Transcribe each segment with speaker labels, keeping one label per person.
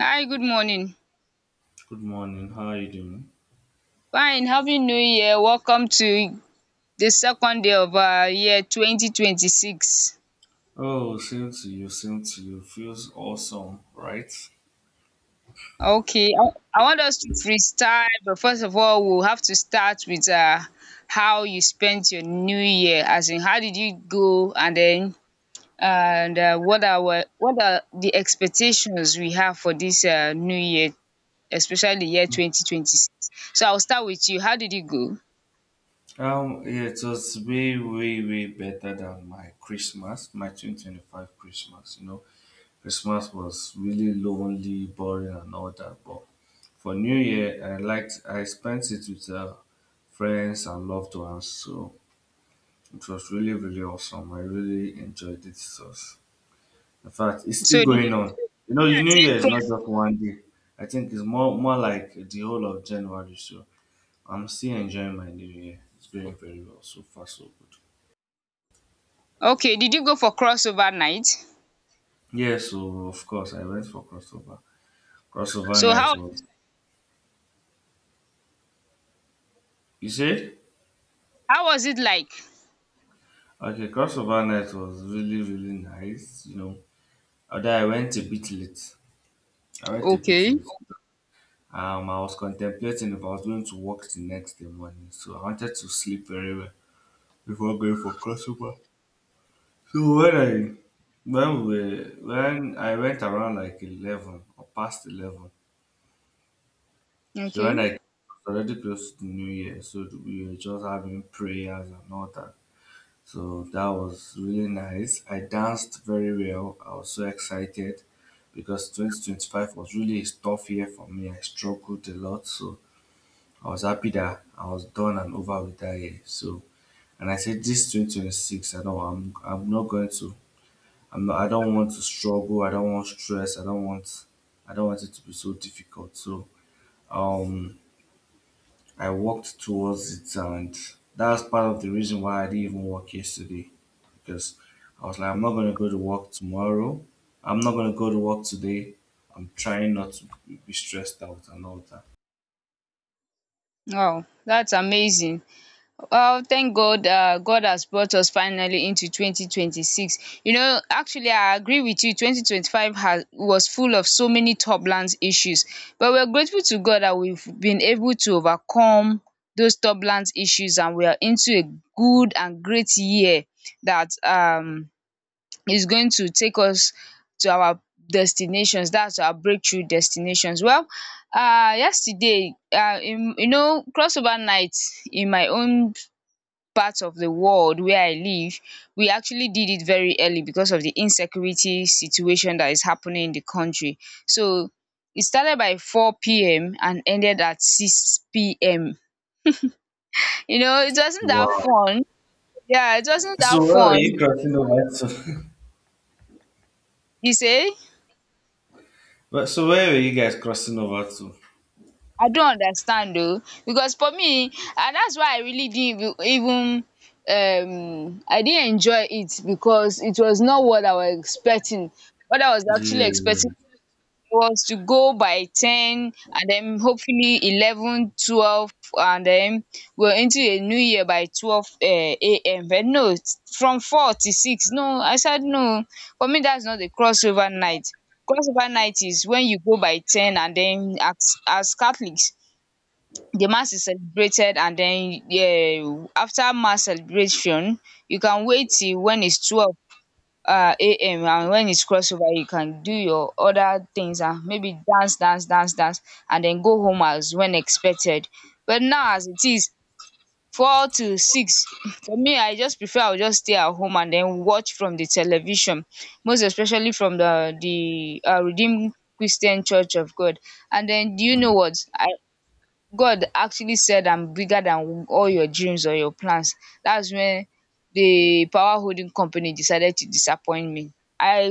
Speaker 1: Hi, good morning.
Speaker 2: Good morning. How are you doing?
Speaker 1: Fine, happy new year. Welcome to the second day of our year 2026.
Speaker 2: Oh, same to you. Same to you. Feels awesome, right?
Speaker 1: Okay, I want us to freestyle, but first of all, we'll have to start with how you spent your new year, as in how did you go, and then and what are the expectations we have for this new year, especially the year 2026. So I'll start with you. How did you go?
Speaker 2: Yeah, it was way, way, way better than my Christmas, my 2025 Christmas. You know, Christmas was really lonely, boring, and all that. But for New Year, I spent it with friends and loved ones. So it was really, really awesome. I really enjoyed it. It was In fact, it's
Speaker 1: So
Speaker 2: still
Speaker 1: did you
Speaker 2: going on. You know, your New Year
Speaker 1: attend
Speaker 2: is not just
Speaker 1: crossover?
Speaker 2: one day. I think it's more like the whole of January. So I'm still enjoying my New Year. It's going very well so far, so good.
Speaker 1: Okay, did you go for crossover night?
Speaker 2: Yeah, so of course I went for crossover. Crossover
Speaker 1: So
Speaker 2: night
Speaker 1: how
Speaker 2: was, you said?
Speaker 1: how was it like?
Speaker 2: Okay, crossover night was really, really nice, you know. Although I went a bit late. I went a bit
Speaker 1: Okay.
Speaker 2: late. I was contemplating if I was going to work the next day morning. So I wanted to sleep very well before going for crossover. So when I went around like 11 or past 11, so when I
Speaker 1: Okay.
Speaker 2: it was already close to the New Year, so we were just having prayers and all that. So that was really nice. I danced very well. I was so excited because 2025 was really a tough year for me. I struggled a lot, so I was happy that I was done and over with that year. So and I said this 2026, I know I'm not going to I don't want to struggle. I don't want stress. I don't want it to be so difficult. So um, I worked towards it, and that's part of the reason why I didn't even work yesterday because I was like, I'm not gonna go to work tomorrow. I'm not gonna go to work today. I'm trying not to be stressed out and all that.
Speaker 1: Wow, that's amazing. Well, thank God has brought us finally into 2026. You know, actually I agree with you. 2025 has was full of so many turbulence issues, but we're grateful to God that we've been able to overcome those turbulence issues, and we are into a good and great year that is going to take us to our destinations, that's our breakthrough destinations. Well, yesterday, you know, crossover night in my own part of the world where I live, we actually did it very early because of the insecurity situation that is happening in the country. So it started by four p.m. and ended at six PM. You know, it wasn't
Speaker 2: Wow.
Speaker 1: that fun. Yeah, it wasn't that
Speaker 2: So where are you
Speaker 1: fun.
Speaker 2: crossing over to?
Speaker 1: You say?
Speaker 2: Well, so where are you guys crossing over to?
Speaker 1: I don't understand though, because for me, and that's why I really didn't even I didn't enjoy it, because it was not what I was expecting. What I was actually
Speaker 2: Yeah.
Speaker 1: expecting was to go by ten and then hopefully 11, 12, and then we're into a new year by 12 a.m. But no, it's from four to six. No, I said no, for me that's not a crossover night. Crossover night is when you go by ten, and then as Catholics the mass is celebrated, and then yeah, after mass celebration you can wait till when its 12 am, and when its crossover you can do your other things and maybe dance dance dance dance and then go home as when expected. But now, as it is four to six, for me I just prefer I will just stay at home and then watch from the television, most especially from the Redeemed Christian Church of God. And then, do you know
Speaker 2: Mm.
Speaker 1: what God actually said? I'm bigger than all your dreams or your plans. That's when the power holding company decided to disappoint me. I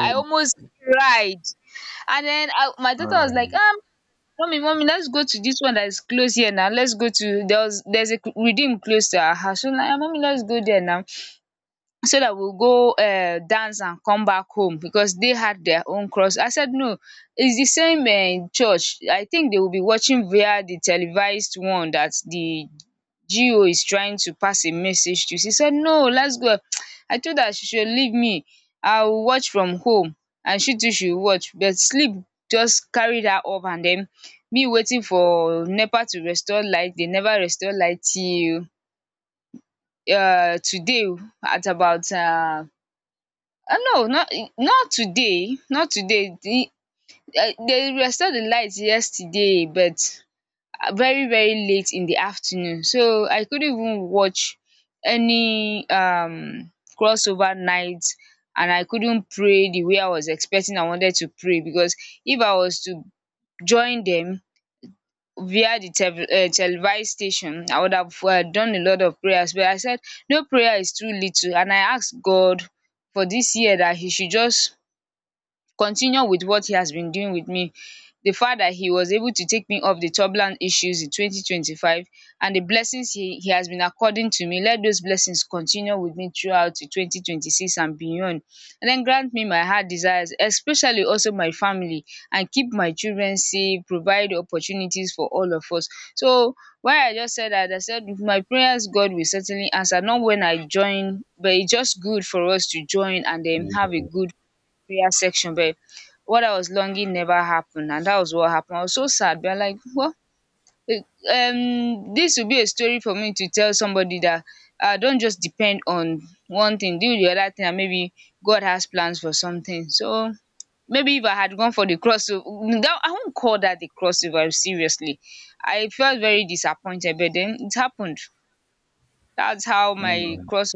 Speaker 1: I almost cried. And then my daughter was like,
Speaker 2: um,
Speaker 1: mommy, mommy, let's go to this one that is close here now. Let's go to there was, there's a redeem close to our house. So like, "Ah, mommy, let's go there now so that we'll go dance and come back home, because they had their own cross." I said, no, it's the same church. I think they will be watching via the televised one that the GO is trying to pass a message to. She said, no, let's go. I told her she should leave me. I'll watch from home and she too should watch. But sleep just carried her up, and then me waiting for NEPA to restore light. They never restore light till today at about no, not today, not today. They restored the lights yesterday, but very very late in the afternoon, so I couldn't even watch any crossover night. And I couldn't pray the way I was expecting. I wanted to pray, because if I was to join them via the televised station, I would have done a lot of prayers. But I said no prayer is too little, and I asked God for this year that he should just continue with what he has been doing with me. The fact that he was able to take me off the turbulent issues in 2025, and the blessings he has been according to me, let those blessings continue with me throughout to 2026 and beyond. And then grant me my heart desires, especially also my family, and keep my children safe, provide opportunities for all of us. So why I just said that, I said with my prayers God will certainly answer. Not when I join, but it's just good for us to join and then have a
Speaker 2: yeah.
Speaker 1: good prayer section. But what I was longing never happened, and that was what happened. I was so sad, but I'm like, well, eh, this will be a story for me to tell somebody, that don't just depend on one thing, do the other thing, and maybe God has plans for something. So maybe if I had gone for the crossover, I won't call that the crossover. Seriously, I felt very disappointed, but then it happened. That's how my
Speaker 2: Mm.
Speaker 1: crossover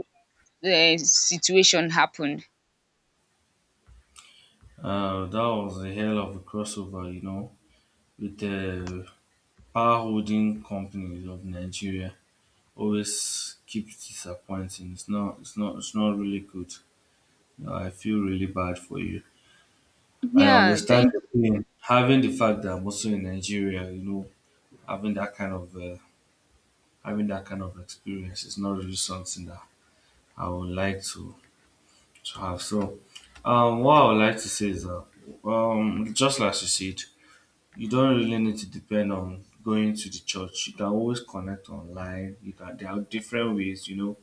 Speaker 1: situation happened.
Speaker 2: That was a hell of a crossover, you know, with the power holding companies of Nigeria. Always keeps disappointing. It's not. It's not. It's not really good. I feel really bad for you. And I
Speaker 1: Yeah,
Speaker 2: understand
Speaker 1: thank
Speaker 2: the pain. Having the fact that I'm also in Nigeria, you know, having that kind of uh, having that kind of experience is not really something that I would like to have. So, what I would like to say is that, just like you said, you don't really need to depend on going to the church. You can always connect online. You can There are different ways, you know,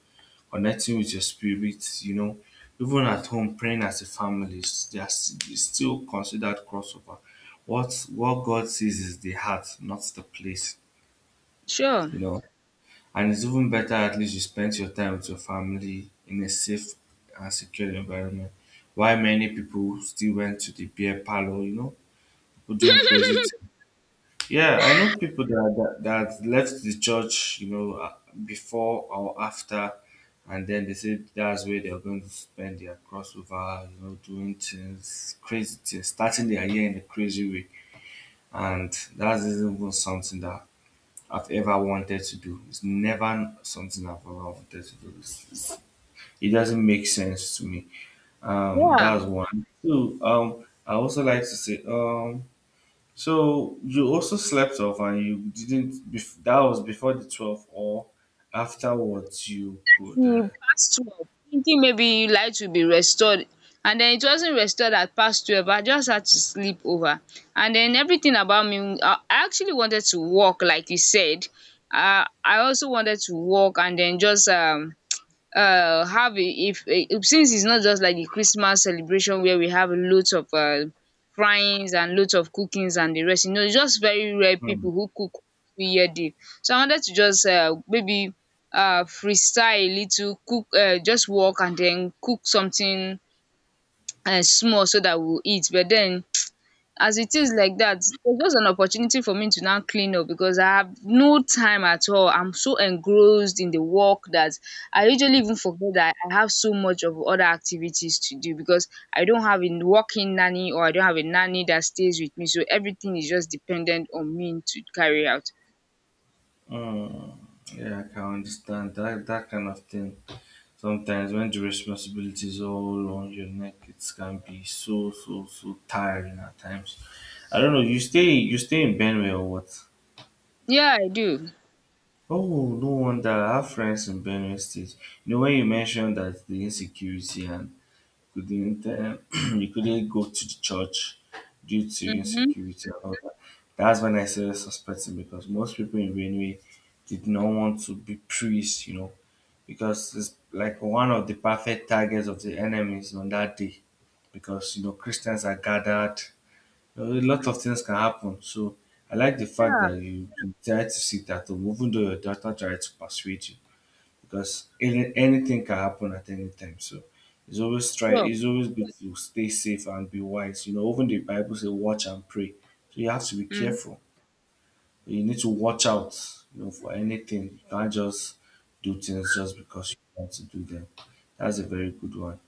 Speaker 2: connecting with your spirit, you know. Even at home, praying as a family is just is still considered crossover. What God sees is the heart, not the place,
Speaker 1: sure.
Speaker 2: you know. And it's even better at least you spend your time with your family in a safe and secure environment. Why many people still went to the beer parlor, you know, people doing crazy. Yeah, I know people that left the church, you know, before or after, and then they said that's where they're going to spend their crossover, you know, doing things, crazy things, starting their year in a crazy way, and that isn't even something that I've ever wanted to do. It's never something I've ever wanted to do. It doesn't make sense to me.
Speaker 1: Yeah.
Speaker 2: That's one. Two. I also like to say, so you also slept off and you didn't, that was before the 12th or afterwards you could.
Speaker 1: He past 12 thinking maybe light will be restored, and then it wasn't restored at past 12. I just had to sleep over. And then everything about me, I actually wanted to walk, like you said. I also wanted to walk, and then just have a, if a, since it's not just like the Christmas celebration where we have lots of fryings and lots of cookings and the rest. You know, it's just very rare
Speaker 2: Mm,
Speaker 1: people who cook every year day. So I wanted to just maybe freestyle a little, cook just walk and then cook something small so that we'll eat. But then as it is like that, it just an opportunity for me to now clean up, because I have no time at all. I'm so engrossed in the work that I usually even forget that I have so much of other activities to do, because I don't have a working nanny, or I don't have a nanny that stays with me. So everything is just dependent on me to carry out.
Speaker 2: mm, yeah, I can understand that, that kind of thing. Sometimes when the responsibility is all on your neck, it can be so, so, so tiring at times. I don't know, you stay in Benue or what?
Speaker 1: Yeah, I do.
Speaker 2: Oh, no wonder I have friends in Benue State. You know, when you mentioned that the insecurity and couldn't you couldn't go to the church due to
Speaker 1: Mm-hmm.
Speaker 2: insecurity and all that. That's when I started suspecting because most people in Benue did not want to be priests, you know, because it's like one of the perfect targets of the enemies on that day. Because you know Christians are gathered. You know, a lot of things can happen. So I like the fact
Speaker 1: Yeah,
Speaker 2: that you try to sit at home, even though your daughter tried to persuade you because anything can happen at any time. So it's always try.
Speaker 1: sure.
Speaker 2: It's always good to stay safe and be wise. You know, even the Bible says, "Watch and pray." So you have to be
Speaker 1: Mm-hmm.
Speaker 2: careful. You need to watch out. You know, for anything. You can't just do things just because you want to do them. That's a very good one.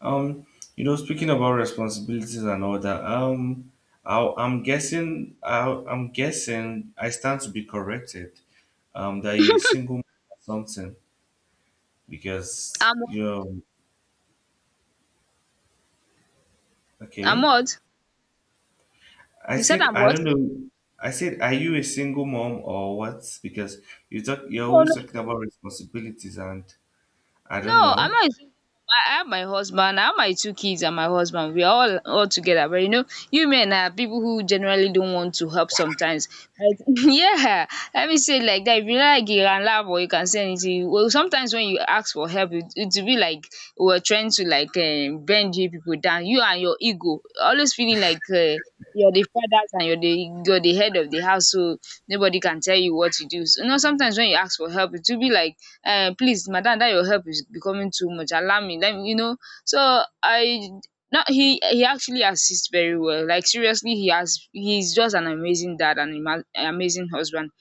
Speaker 2: Um, you know, speaking about responsibilities and all that. I'm guessing. I'm guessing. I stand to be corrected. That you're a single mom or something because
Speaker 1: i'm
Speaker 2: you know.
Speaker 1: I'm
Speaker 2: Okay,
Speaker 1: what?
Speaker 2: I
Speaker 1: You said
Speaker 2: said
Speaker 1: I'm
Speaker 2: I
Speaker 1: what?
Speaker 2: don't know. I said are you a single mom or what because you're
Speaker 1: No,
Speaker 2: always
Speaker 1: no,
Speaker 2: talking about responsibilities and I don't
Speaker 1: no,
Speaker 2: know.
Speaker 1: I'm not. I have my husband, I have my two kids and my husband. We are all together. But you know, you men are people who generally don't want to help sometimes. Like, yeah, let me say it like that. If you like, you can laugh, or you can say anything. Well, sometimes when you ask for help, it will be like we're trying to like bend you people down. You and your ego, always feeling like you're the fathers, and you're the head of the house, so nobody can tell you what to do. So, you know, sometimes when you ask for help, it will be like, "Please, madam, that your help is becoming too much. Allow me, let me. So I no, he actually assists very well. Like, seriously, he's just an amazing dad and amazing husband.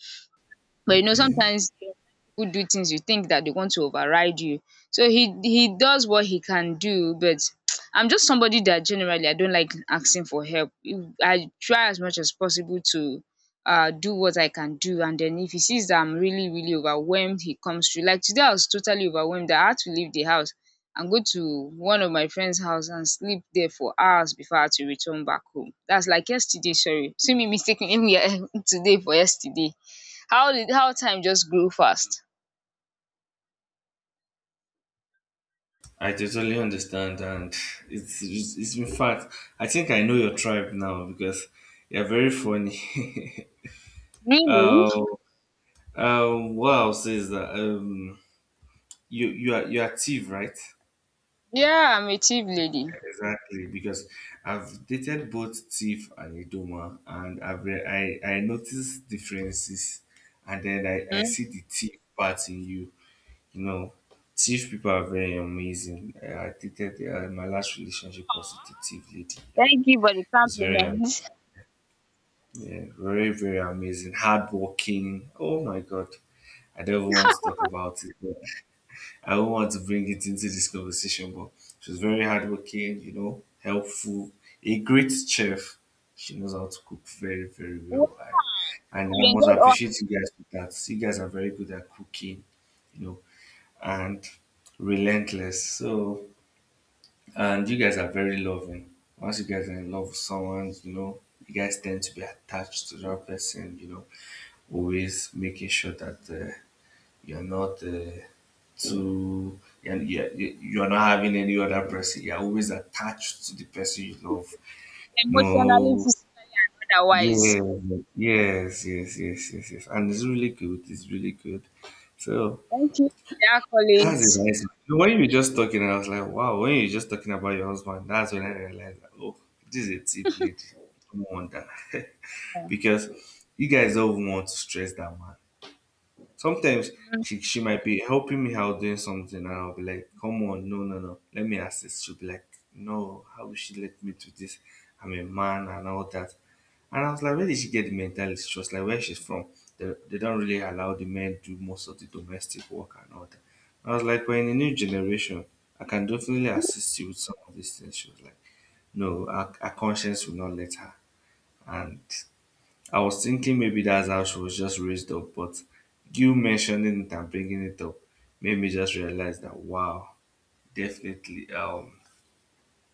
Speaker 1: But you know,
Speaker 2: Okay,
Speaker 1: sometimes people do things you think that they want to override you. So he does what he can do, but I'm just somebody that generally I don't like asking for help. I try as much as possible to do what I can do, and then if he sees that I'm really, really overwhelmed, he comes through. Like today, I was totally overwhelmed, that I had to leave the house and go to one of my friend's house and sleep there for hours before I had to return back home. That's like yesterday, sorry. See me mistaking today for yesterday. How time just grew fast.
Speaker 2: I totally understand and it's in fact I think I know your tribe now because you're very funny.
Speaker 1: Really?
Speaker 2: um what else is that? You are active, right?
Speaker 1: Yeah, I'm a chief lady.
Speaker 2: Exactly, because I've dated both Tiff and Idoma, and I noticed differences, and then I
Speaker 1: Mhm.
Speaker 2: see the Tiff part in you. You know, Tiff people are very amazing. I dated my last relationship was with a Tiff lady, and
Speaker 1: Thank you for the
Speaker 2: it was very am-
Speaker 1: compliment.
Speaker 2: yeah, very very amazing, hardworking. Oh my God, I don't even want to talk about it. I don't want to bring it into this conversation, but she's very hardworking, you know, helpful, a great chef. She knows how to cook very, very well. I
Speaker 1: We
Speaker 2: must
Speaker 1: enjoyed us,
Speaker 2: appreciate you guys for that. You guys are very good at cooking, you know, and relentless. So and you guys are very loving. Once you guys are in love with someone, you know, you guys tend to be attached to that person, you know, always making sure that you're not uh, you're not having any other person. You're always attached to the person you love.
Speaker 1: emotionally,
Speaker 2: No,
Speaker 1: physically, and
Speaker 2: yeah,
Speaker 1: otherwise.
Speaker 2: yes, yes, yes, yes, yes. And it's really good. It's really good. So
Speaker 1: Thank you for the
Speaker 2: that's a
Speaker 1: accolades.
Speaker 2: nice. When you were just talking, I was like, wow. When you were just talking about your husband, that's when I realized, that, oh, this is a tip lady. No wonder. Because you guys don't want to stress that man. Sometimes she might be helping me out doing something, and I'll be like, "Come on, no, no, no, let me assist." She'll be like, "No, how will she let me do this? I'm a man and all that." And I was like, "Where did she get the mentality?" She was like, "Where she's from, they don't really allow the men to do most of the domestic work and all that." I was like, "We're in a new generation. I can definitely assist you with some of these things." She was like, "No, our conscience will not let her," and I was thinking maybe that's how she was just raised up, but you mentioning it and bringing it up made me just realize that wow, definitely,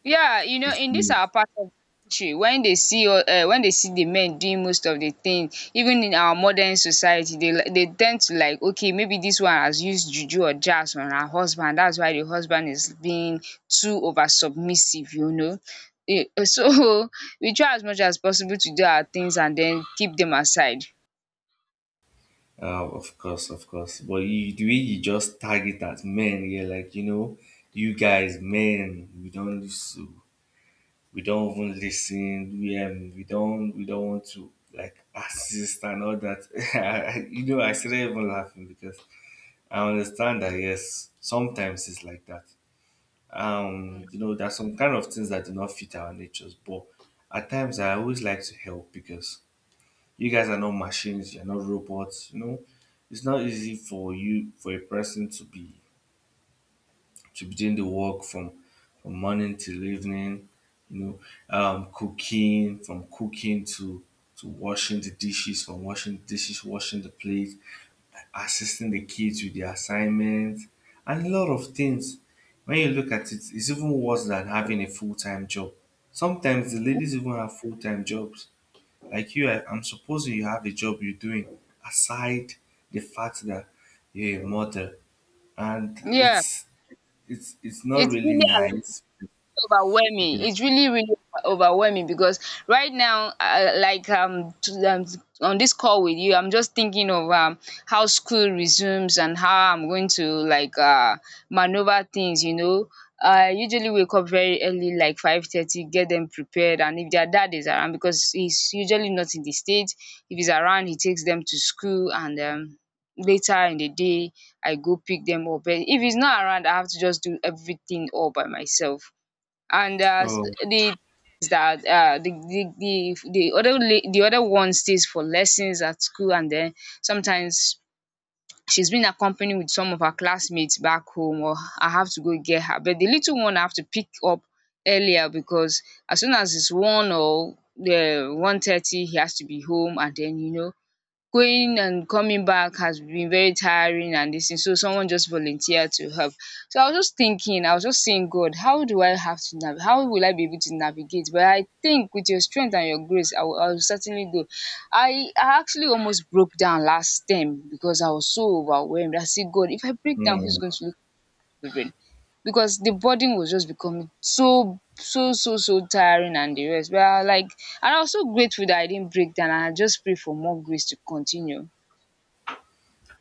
Speaker 1: Yeah, you know,
Speaker 2: it's
Speaker 1: in this our
Speaker 2: meaningful.
Speaker 1: part of the country, when they see the men doing most of the thing, even in our modern society, they tend to like, okay, maybe this one has used juju or jazz on her husband. That's why the husband is being too over submissive, you know. So we try as much as possible to do our things and then keep them aside.
Speaker 2: Of course, of course. But you, the way you just target at men, you're like, you know, men, we don't listen, we don't even listen, we don't want to like assist and all that. You know, I started even laughing because I understand that yes, sometimes it's like that.
Speaker 1: Mm.
Speaker 2: You know there's some kind of things that do not fit our natures, but at times I always like to help because you guys are not machines, you're not robots, you know. It's not easy for you for a person to begin the work from morning till evening, you know, cooking, from cooking to washing the dishes, washing the plate, assisting the kids with their assignments, and a lot of things. When you look at it, it's even worse than having a full time job. Sometimes the ladies even have full time jobs. Like you, I'm supposing you have a job you're doing aside the fact that you're a mother, and
Speaker 1: Yeah,
Speaker 2: it's not
Speaker 1: it's
Speaker 2: really
Speaker 1: really
Speaker 2: nice
Speaker 1: overwhelming.
Speaker 2: because.
Speaker 1: It's really, really overwhelming, because right now, like on this call with you, I'm just thinking of how school resumes and how I'm going to like maneuver things. You know, I usually wake up very early, like 5:30, get them prepared, and if their dad is around, because he's usually not in the state, if he's around, he takes them to school, and later in the day, I go pick them up. But if he's not around, I have to just do everything all by myself and
Speaker 2: Oh.
Speaker 1: the is that the the other one stays for lessons at school, and then sometimes she's been accompanied with some of her classmates back home, or I have to go get her. But the little one I have to pick up earlier because as soon as it's one or the 1:30, he has to be home, and then going and coming back has been very tiring and this thing. So someone just volunteered to help. So I was just thinking, I was just saying, God, how do I have to how will I be able to navigate? But I think with your strength and your grace, I will certainly do. I actually almost broke down last term because I was so overwhelmed. I said, God, if I break down, who's
Speaker 2: Mm.
Speaker 1: going to look after the children? Because the burden was just becoming so tiring and the rest. But I like and I was so grateful that I didn't break down and I just pray for more grace to continue.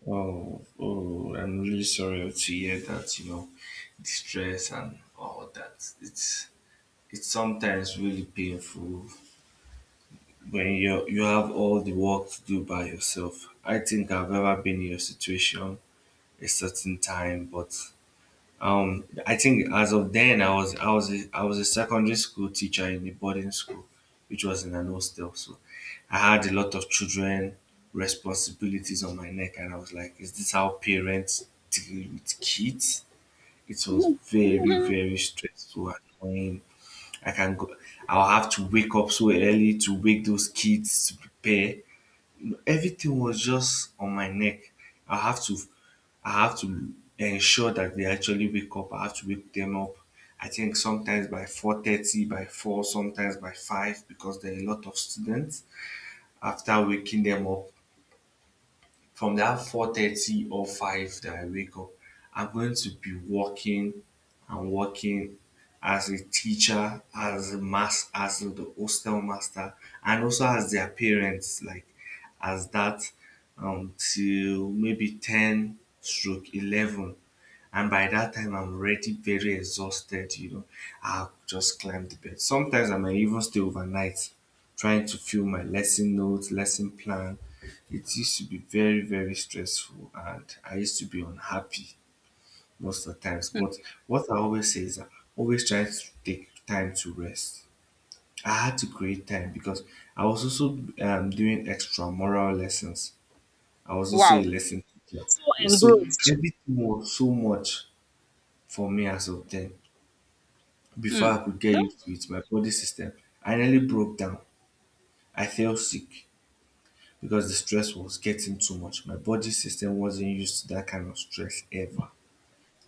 Speaker 2: Oh, I'm really sorry to hear that. You know, the stress and all that, it's sometimes really painful when you have all the work to do by yourself. I think I've ever been in your situation a certain time, but I think as of then, I was a secondary school teacher in a boarding school, which was in an hostel. So I had a lot of children responsibilities on my neck, and I was like, "Is this how parents deal with kids?" It was very very stressful and annoying. I can go. I'll have to wake up so early to wake those kids to prepare everything was just on my neck. I have to I have to ensure that they actually wake up. I have to wake them up. I think sometimes by 4:30, by four, sometimes by five, because there are a lot of students. After waking them up, from that 4:30 or 5 that I wake up, I'm going to be working and working as a teacher, as the hostel master, and also as their parents, like as that till maybe ten stroke 11, and by that time I'm already very exhausted, you know. I'll just climb the bed. Sometimes I might even stay overnight trying to fill my lesson notes, lesson plan. It used to be very, very stressful, and I used to be unhappy most of the times. But what I always say is I always try to take time to rest. I had to create time because I was also doing extra moral lessons. I was also a
Speaker 1: Wow.
Speaker 2: lesson teacher.
Speaker 1: So
Speaker 2: Yeah, so
Speaker 1: engrossed.
Speaker 2: everything was so much for me as of then. Before
Speaker 1: Hmm.
Speaker 2: I could get
Speaker 1: No.
Speaker 2: used to it, my body system, I nearly broke down. I felt sick because the stress was getting too much. My body system wasn't used to that kind of stress ever.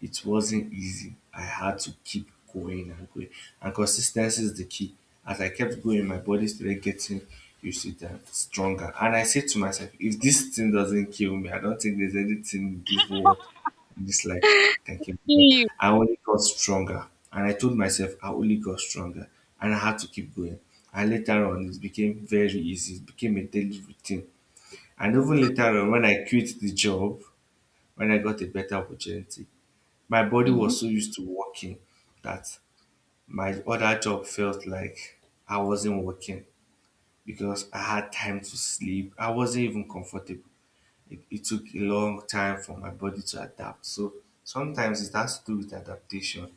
Speaker 2: It wasn't easy. I had to keep going and going. And consistency is the key. As I kept going, my body started getting used to that stronger. And I said to myself, if this thing doesn't kill me, I don't think there's anything in this world, in this life, can kill me.
Speaker 1: Seeing you.
Speaker 2: I only got stronger. And I told myself I only got stronger. And I had to keep going. And later on, it became very easy. It became a daily routine. And even later on, when I quit the job, when I got a better opportunity, my body
Speaker 1: Mhm.
Speaker 2: was so used to working that my other job felt like I wasn't working because I had time to sleep. I wasn't even comfortable. It took a long time for my body to adapt. So sometimes it has to do with adaptation.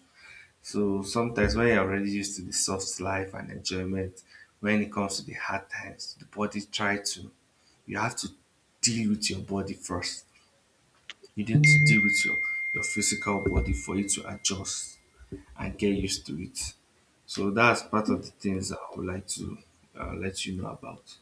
Speaker 2: So sometimes when you're already used to the soft life and enjoyment, when it comes to the hard times, the body try to you have to deal with your body first. You need to deal with your physical body for you to adjust. I get used to it. So that's part of the things I would like to let you know about.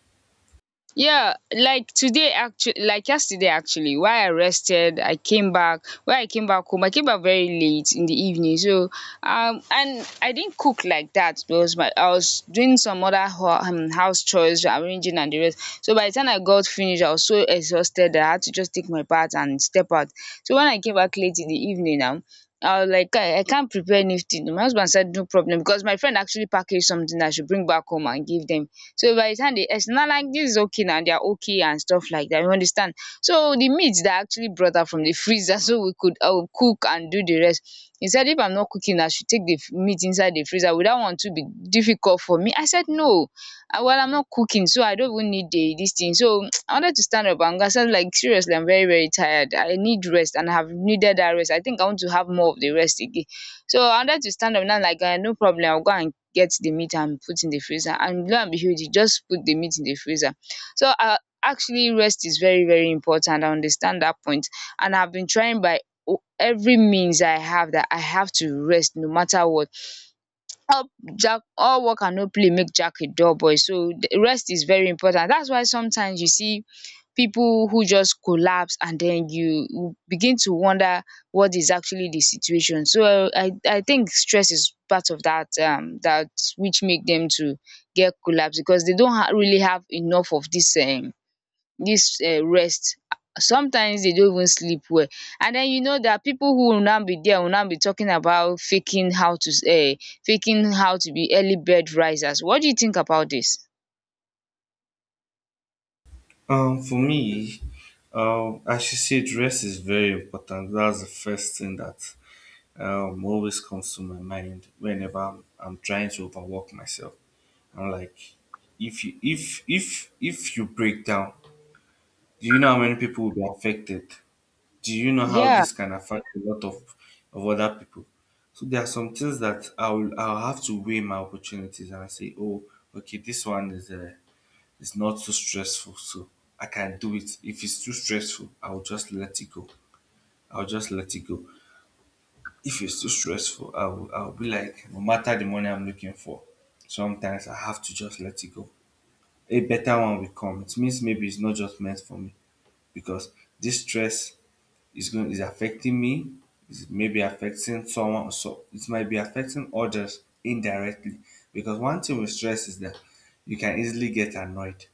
Speaker 1: Yeah, like today actually, like yesterday actually, why I rested, I came back, when I came back home I came back very late in the evening. So and I didn't cook like that because my I was doing some other ho house chores, arranging and the rest. So by the time I got finished, I was so exhausted that I had to just take my bath and step out. So when I came back late in the evening now, I was like, kai, I can't prepare anything. My husband said no problem, because my friend actually packaged something that I should bring back home and give them. So by the time they, it's not like this is okay, now they are okay and stuff like that, you understand. So the meat that I actually brought out from the freezer so we could cook and do the rest, he said if I'm not cooking I should take the meat inside the freezer. Would that one to be difficult for me? I said no. Ah, well, I'm not cooking, so I don't even need the this thing. So I wanted to stand up and I said, like, seriously, I'm very very tired, I need rest, and I have needed that rest. I think I want to have more of the rest again. So I wanted to stand up now like, no problem, I'll go and get the meat and put in the freezer. And lo and behold, you just put the meat in the freezer. So actually, rest is very very important. I understand that point. And I've been trying by every means I have, that I have to rest no matter what. Help. Jack, all work and no play make Jack a dull boy. So the rest is very important. That's why sometimes you see people who just collapse, and then you begin to wonder what is actually the situation. So I think stress is part of that, that which make them to get collapse, because they don't really have enough of this this rest. Sometimes they don't even sleep well. And then you know that people who will now be there will now be talking about um faking how to be early bed risers. What do you think about this?
Speaker 2: For me, I should say dress is very important. That's the first thing that always comes to my mind whenever I'm trying to overwork myself. I'm like, if you break down, do you know how many people will be affected? Do you know how
Speaker 1: Yeah.
Speaker 2: this can affect a lot of other people? So there are some things that I'll have to weigh my opportunities and I say, oh, okay, this one is not too stressful, so I can do it. If it's too stressful, I'll just let it go. I'll just let it go. If it's too stressful, I'll be like, no matter the money I'm looking for, sometimes I have to just let it go. A better one will come. It means maybe it's not just meant for me because this stress it's affecting me. It's maybe affecting someone, so it might be affecting others indirectly because one thing with stress is that you can easily get annoyed.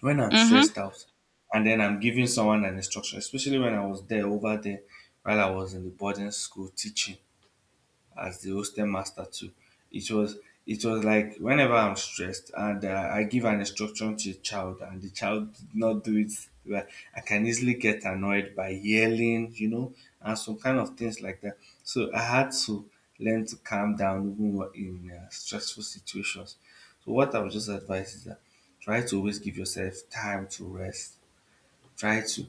Speaker 2: When I'm
Speaker 1: Mm-hmm.
Speaker 2: stressed out and then I'm giving someone an instruction, especially when I was there over there, while I was in the boarding school teaching as the hostel master too. It was it was like whenever I'm stressed and I give an instruction to a child and the child did not do it, well, I can easily get annoyed by yelling, you know, and some kind of things like that. So I had to learn to calm down even in stressful situations. So what I would just advise is that try to always give yourself time to rest. Try to,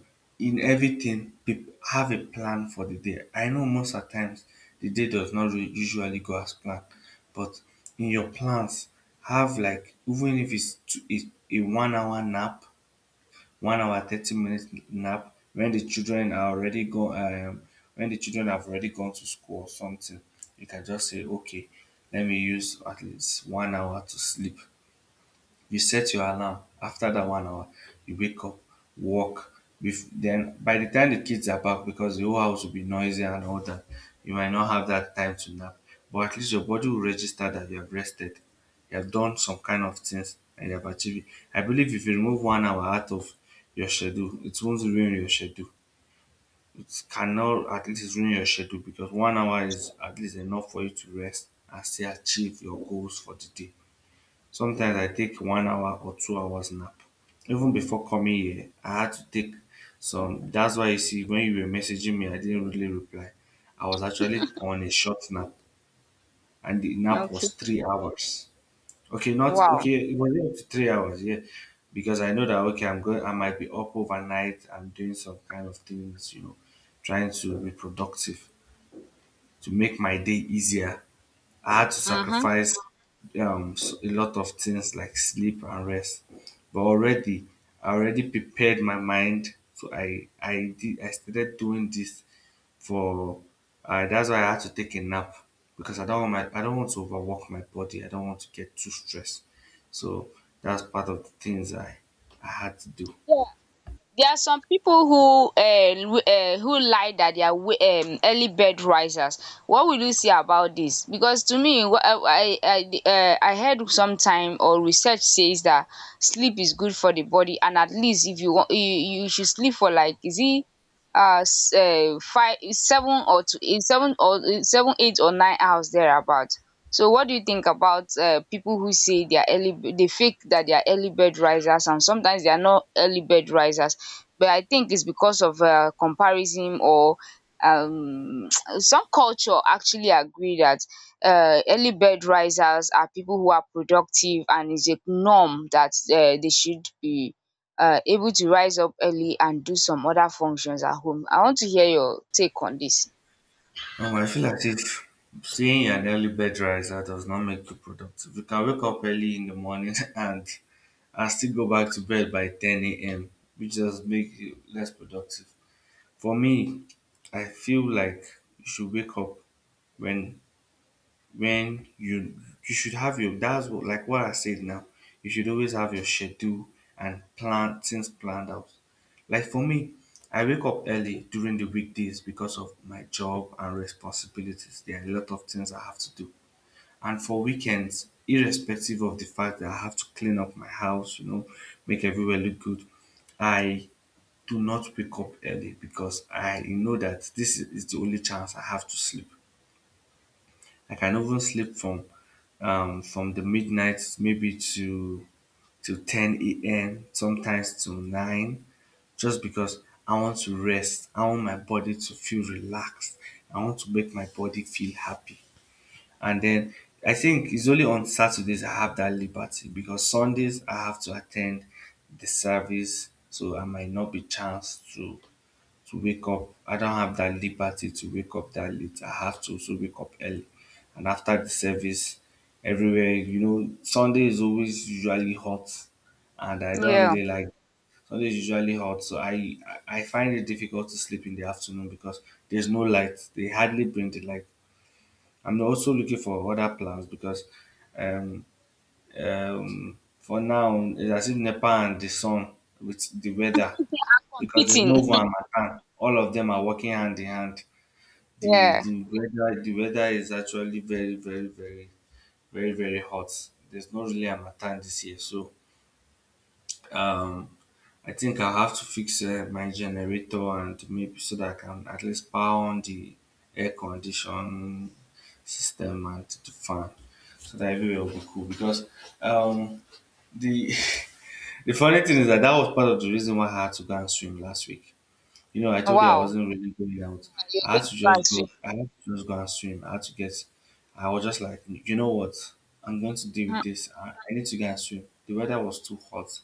Speaker 2: in everything, have a plan for the day. I know most of times the day does not usually go as planned, but in your plans, have, like, even if it's a 1 hour nap, 1 hour 30 minutes nap when the children are already go when the children have already gone to school or something. You can just say okay, let me use at least 1 hour to sleep. You set your alarm after that 1 hour. You wake up, walk, then by the time the kids are back, because the whole house will be noisy and all that, you might not have that time to nap, but at least your body will register that you have rested, you have done some kind of things, and you have achieved it. I believe if you remove 1 hour out of your schedule, it won't ruin your schedule. It cannot at least ruin your schedule because 1 hour is at least enough for you to rest and still achieve your goals for the day. Sometimes I take 1 hour or 2 hours nap. Even before coming here, I had to take some. That's why you see, when you were messaging me, I didn't really reply. I was actually on a short nap, and the nap was
Speaker 1: Okay.
Speaker 2: 3 hours. Okay, not
Speaker 1: Wow.
Speaker 2: okay. It was up to 3 hours, yeah, because I know that okay, I'm going. I might be up overnight. I'm doing some kind of things, you know, trying to be productive to make my day easier. I had to
Speaker 1: Mm-hmm.
Speaker 2: sacrifice a lot of things like sleep and rest. But already, I already prepared my mind. So I started doing this for. That's why I had to take a nap because I don't want to overwork my body. I don't want to get too stressed. So that's part of the things I had to do.
Speaker 1: There are some people who lie that they are early bed risers. What will you say about this? Because to me, I I heard sometime or research says that sleep is good for the body, and at least if you wan you you should sleep for like, is it um five seven or to eight seven or seven eight or 9 hours thereabout. So what do you think about people who say they are early, they fake that they are early bed risers and sometimes they are not early bed risers? But I think it's because of comparison or um, some culture actually agree that early bed risers are people who are productive, and it's a norm that they should be able to rise up early and do some other functions at home. I want to hear your take on this.
Speaker 2: I feel as if staying an early bed riser does not make you productive. You can wake up early in the morning and still go back to bed by 10 a.m., which does make you less productive. For me, I feel like you should wake up when when you should have your, that's what like what I said now. You should always have your schedule and plan things planned out. Like for me, I wake up early during the weekdays because of my job and responsibilities. There are a lot of things I have to do. And for weekends, irrespective of the fact that I have to clean up my house, you know, make everywhere look good, I do not wake up early because I know that this is the only chance I have to sleep. Like, I can even sleep from the midnight maybe to 10 a.m., sometimes to 9, just because I want to rest. I want my body to feel relaxed. I want to make my body feel happy. And then I think it's only on Saturdays I have that liberty because Sundays I have to attend the service, so I might not be chance to wake up. I don't have that liberty to wake up that late. I have to also wake up early, and after the service, everywhere you know Sunday is always usually hot, and I don't
Speaker 1: Yeah,
Speaker 2: really like. Sunday is usually hot, so I find it difficult to sleep in the afternoon because there's no light. They hardly bring the light. I'm also looking for other plans because um, for now it's as if Nepal and the sun with the weather because there's no
Speaker 1: competing.
Speaker 2: one Matan. All of them are working hand in hand. The
Speaker 1: Yeah,
Speaker 2: the weather the weather is actually very very very very very hot. There's not really a Matan this year, so um, I think I have to fix my generator and maybe so that I can at least power on the air condition system and the fan so that everywhere will be cool because um the the funny thing is that that was part of the reason why I had to go and swim last week. You know, I told you I
Speaker 1: wow.
Speaker 2: wasn't really going out.
Speaker 1: You're
Speaker 2: I
Speaker 1: going
Speaker 2: had to
Speaker 1: to
Speaker 2: just
Speaker 1: pass.
Speaker 2: go. I had to just go and swim. I had to get. I was just like, you know what? I'm going to deal with this. I need to go and swim. The weather was too hot,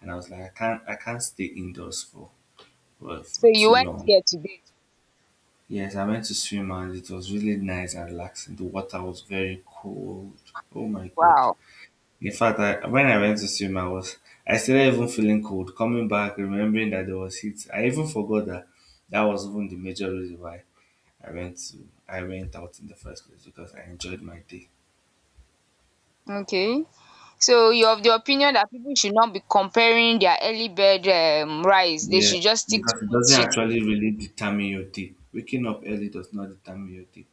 Speaker 2: and I was like, I can't. I can't stay indoors for well,
Speaker 1: So
Speaker 2: for
Speaker 1: you
Speaker 2: too
Speaker 1: went
Speaker 2: long.
Speaker 1: there today.
Speaker 2: Yes, I went to swim and it was really nice and relaxing. The water was very cold. Oh my god.
Speaker 1: Wow.
Speaker 2: In fact, I, when I went to swim, I started even feeling cold. Coming back, remembering that there was heat, I even forgot that that was even the major reason why I went out in the first place because I enjoyed my day.
Speaker 1: Okay. So you're of the opinion that people should not be comparing their early bird rise. They
Speaker 2: Yeah,
Speaker 1: should just stick to
Speaker 2: because it
Speaker 1: what
Speaker 2: doesn't
Speaker 1: suits.
Speaker 2: actually really determine your day. Waking up early does not determine your day.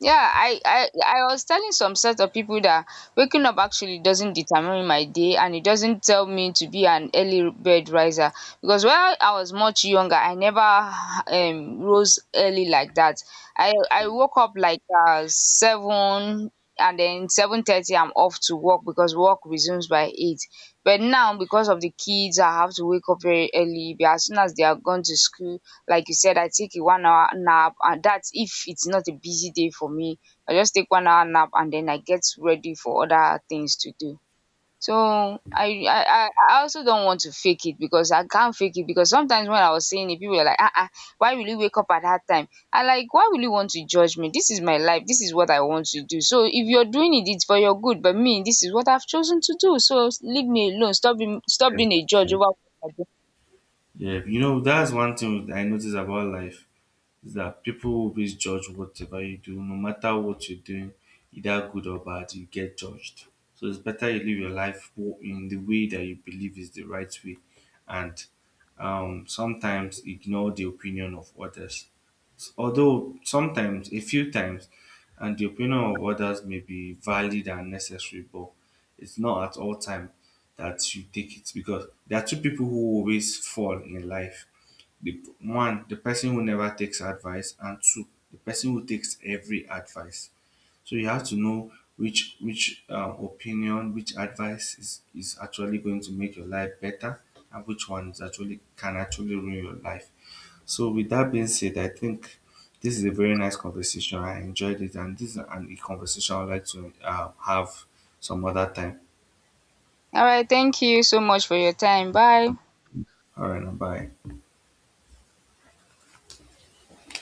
Speaker 1: Yeah, I was telling some set of people that waking up actually doesn't determine my day, and it doesn't tell me to be an early bed riser. Because when I was much younger, I never rose early like that. I woke up like 7, and then 7:30 I'm off to work because work resumes by 8. But now because of the kids I have to wake up very early. But as soon as they are gone to school, like you said, I take a 1 hour nap, and that's if it's not a busy day for me. I just take 1 hour nap and then I get ready for other things to do. So I I, I I also don't want to fake it because I can't fake it. Because sometimes when I was saying it, people were like, ah, ah, why will you wake up at that time? I like, why will you want to judge me? This is my life. This is what I want to do. So if you're doing it, it's for your good. But me, this is what I've chosen to do. So leave me alone. Stop being a judge
Speaker 2: Exactly.
Speaker 1: over what I do.
Speaker 2: Yeah, you know that's one thing I notice about life. Is that people will always judge whatever you do, no matter what you're doing, either good or bad, you get judged. So it's better you live your life in the way that you believe is the right way, and sometimes ignore the opinion of others. Although sometimes, a few times, and the opinion of others may be valid and necessary, but it's not at all time that you take it because there are two people who always fall in life: the one, the person who never takes advice, and two, the person who takes every advice. So you have to know which opinion, which advice is actually going to make your life better, and which one is actually can actually ruin your life. So with that being said, I think this is a very nice conversation. I enjoyed it, and this is a conversation I'd like to have some other time.
Speaker 1: All right, thank you so much for your time. Bye.
Speaker 2: All right now, bye.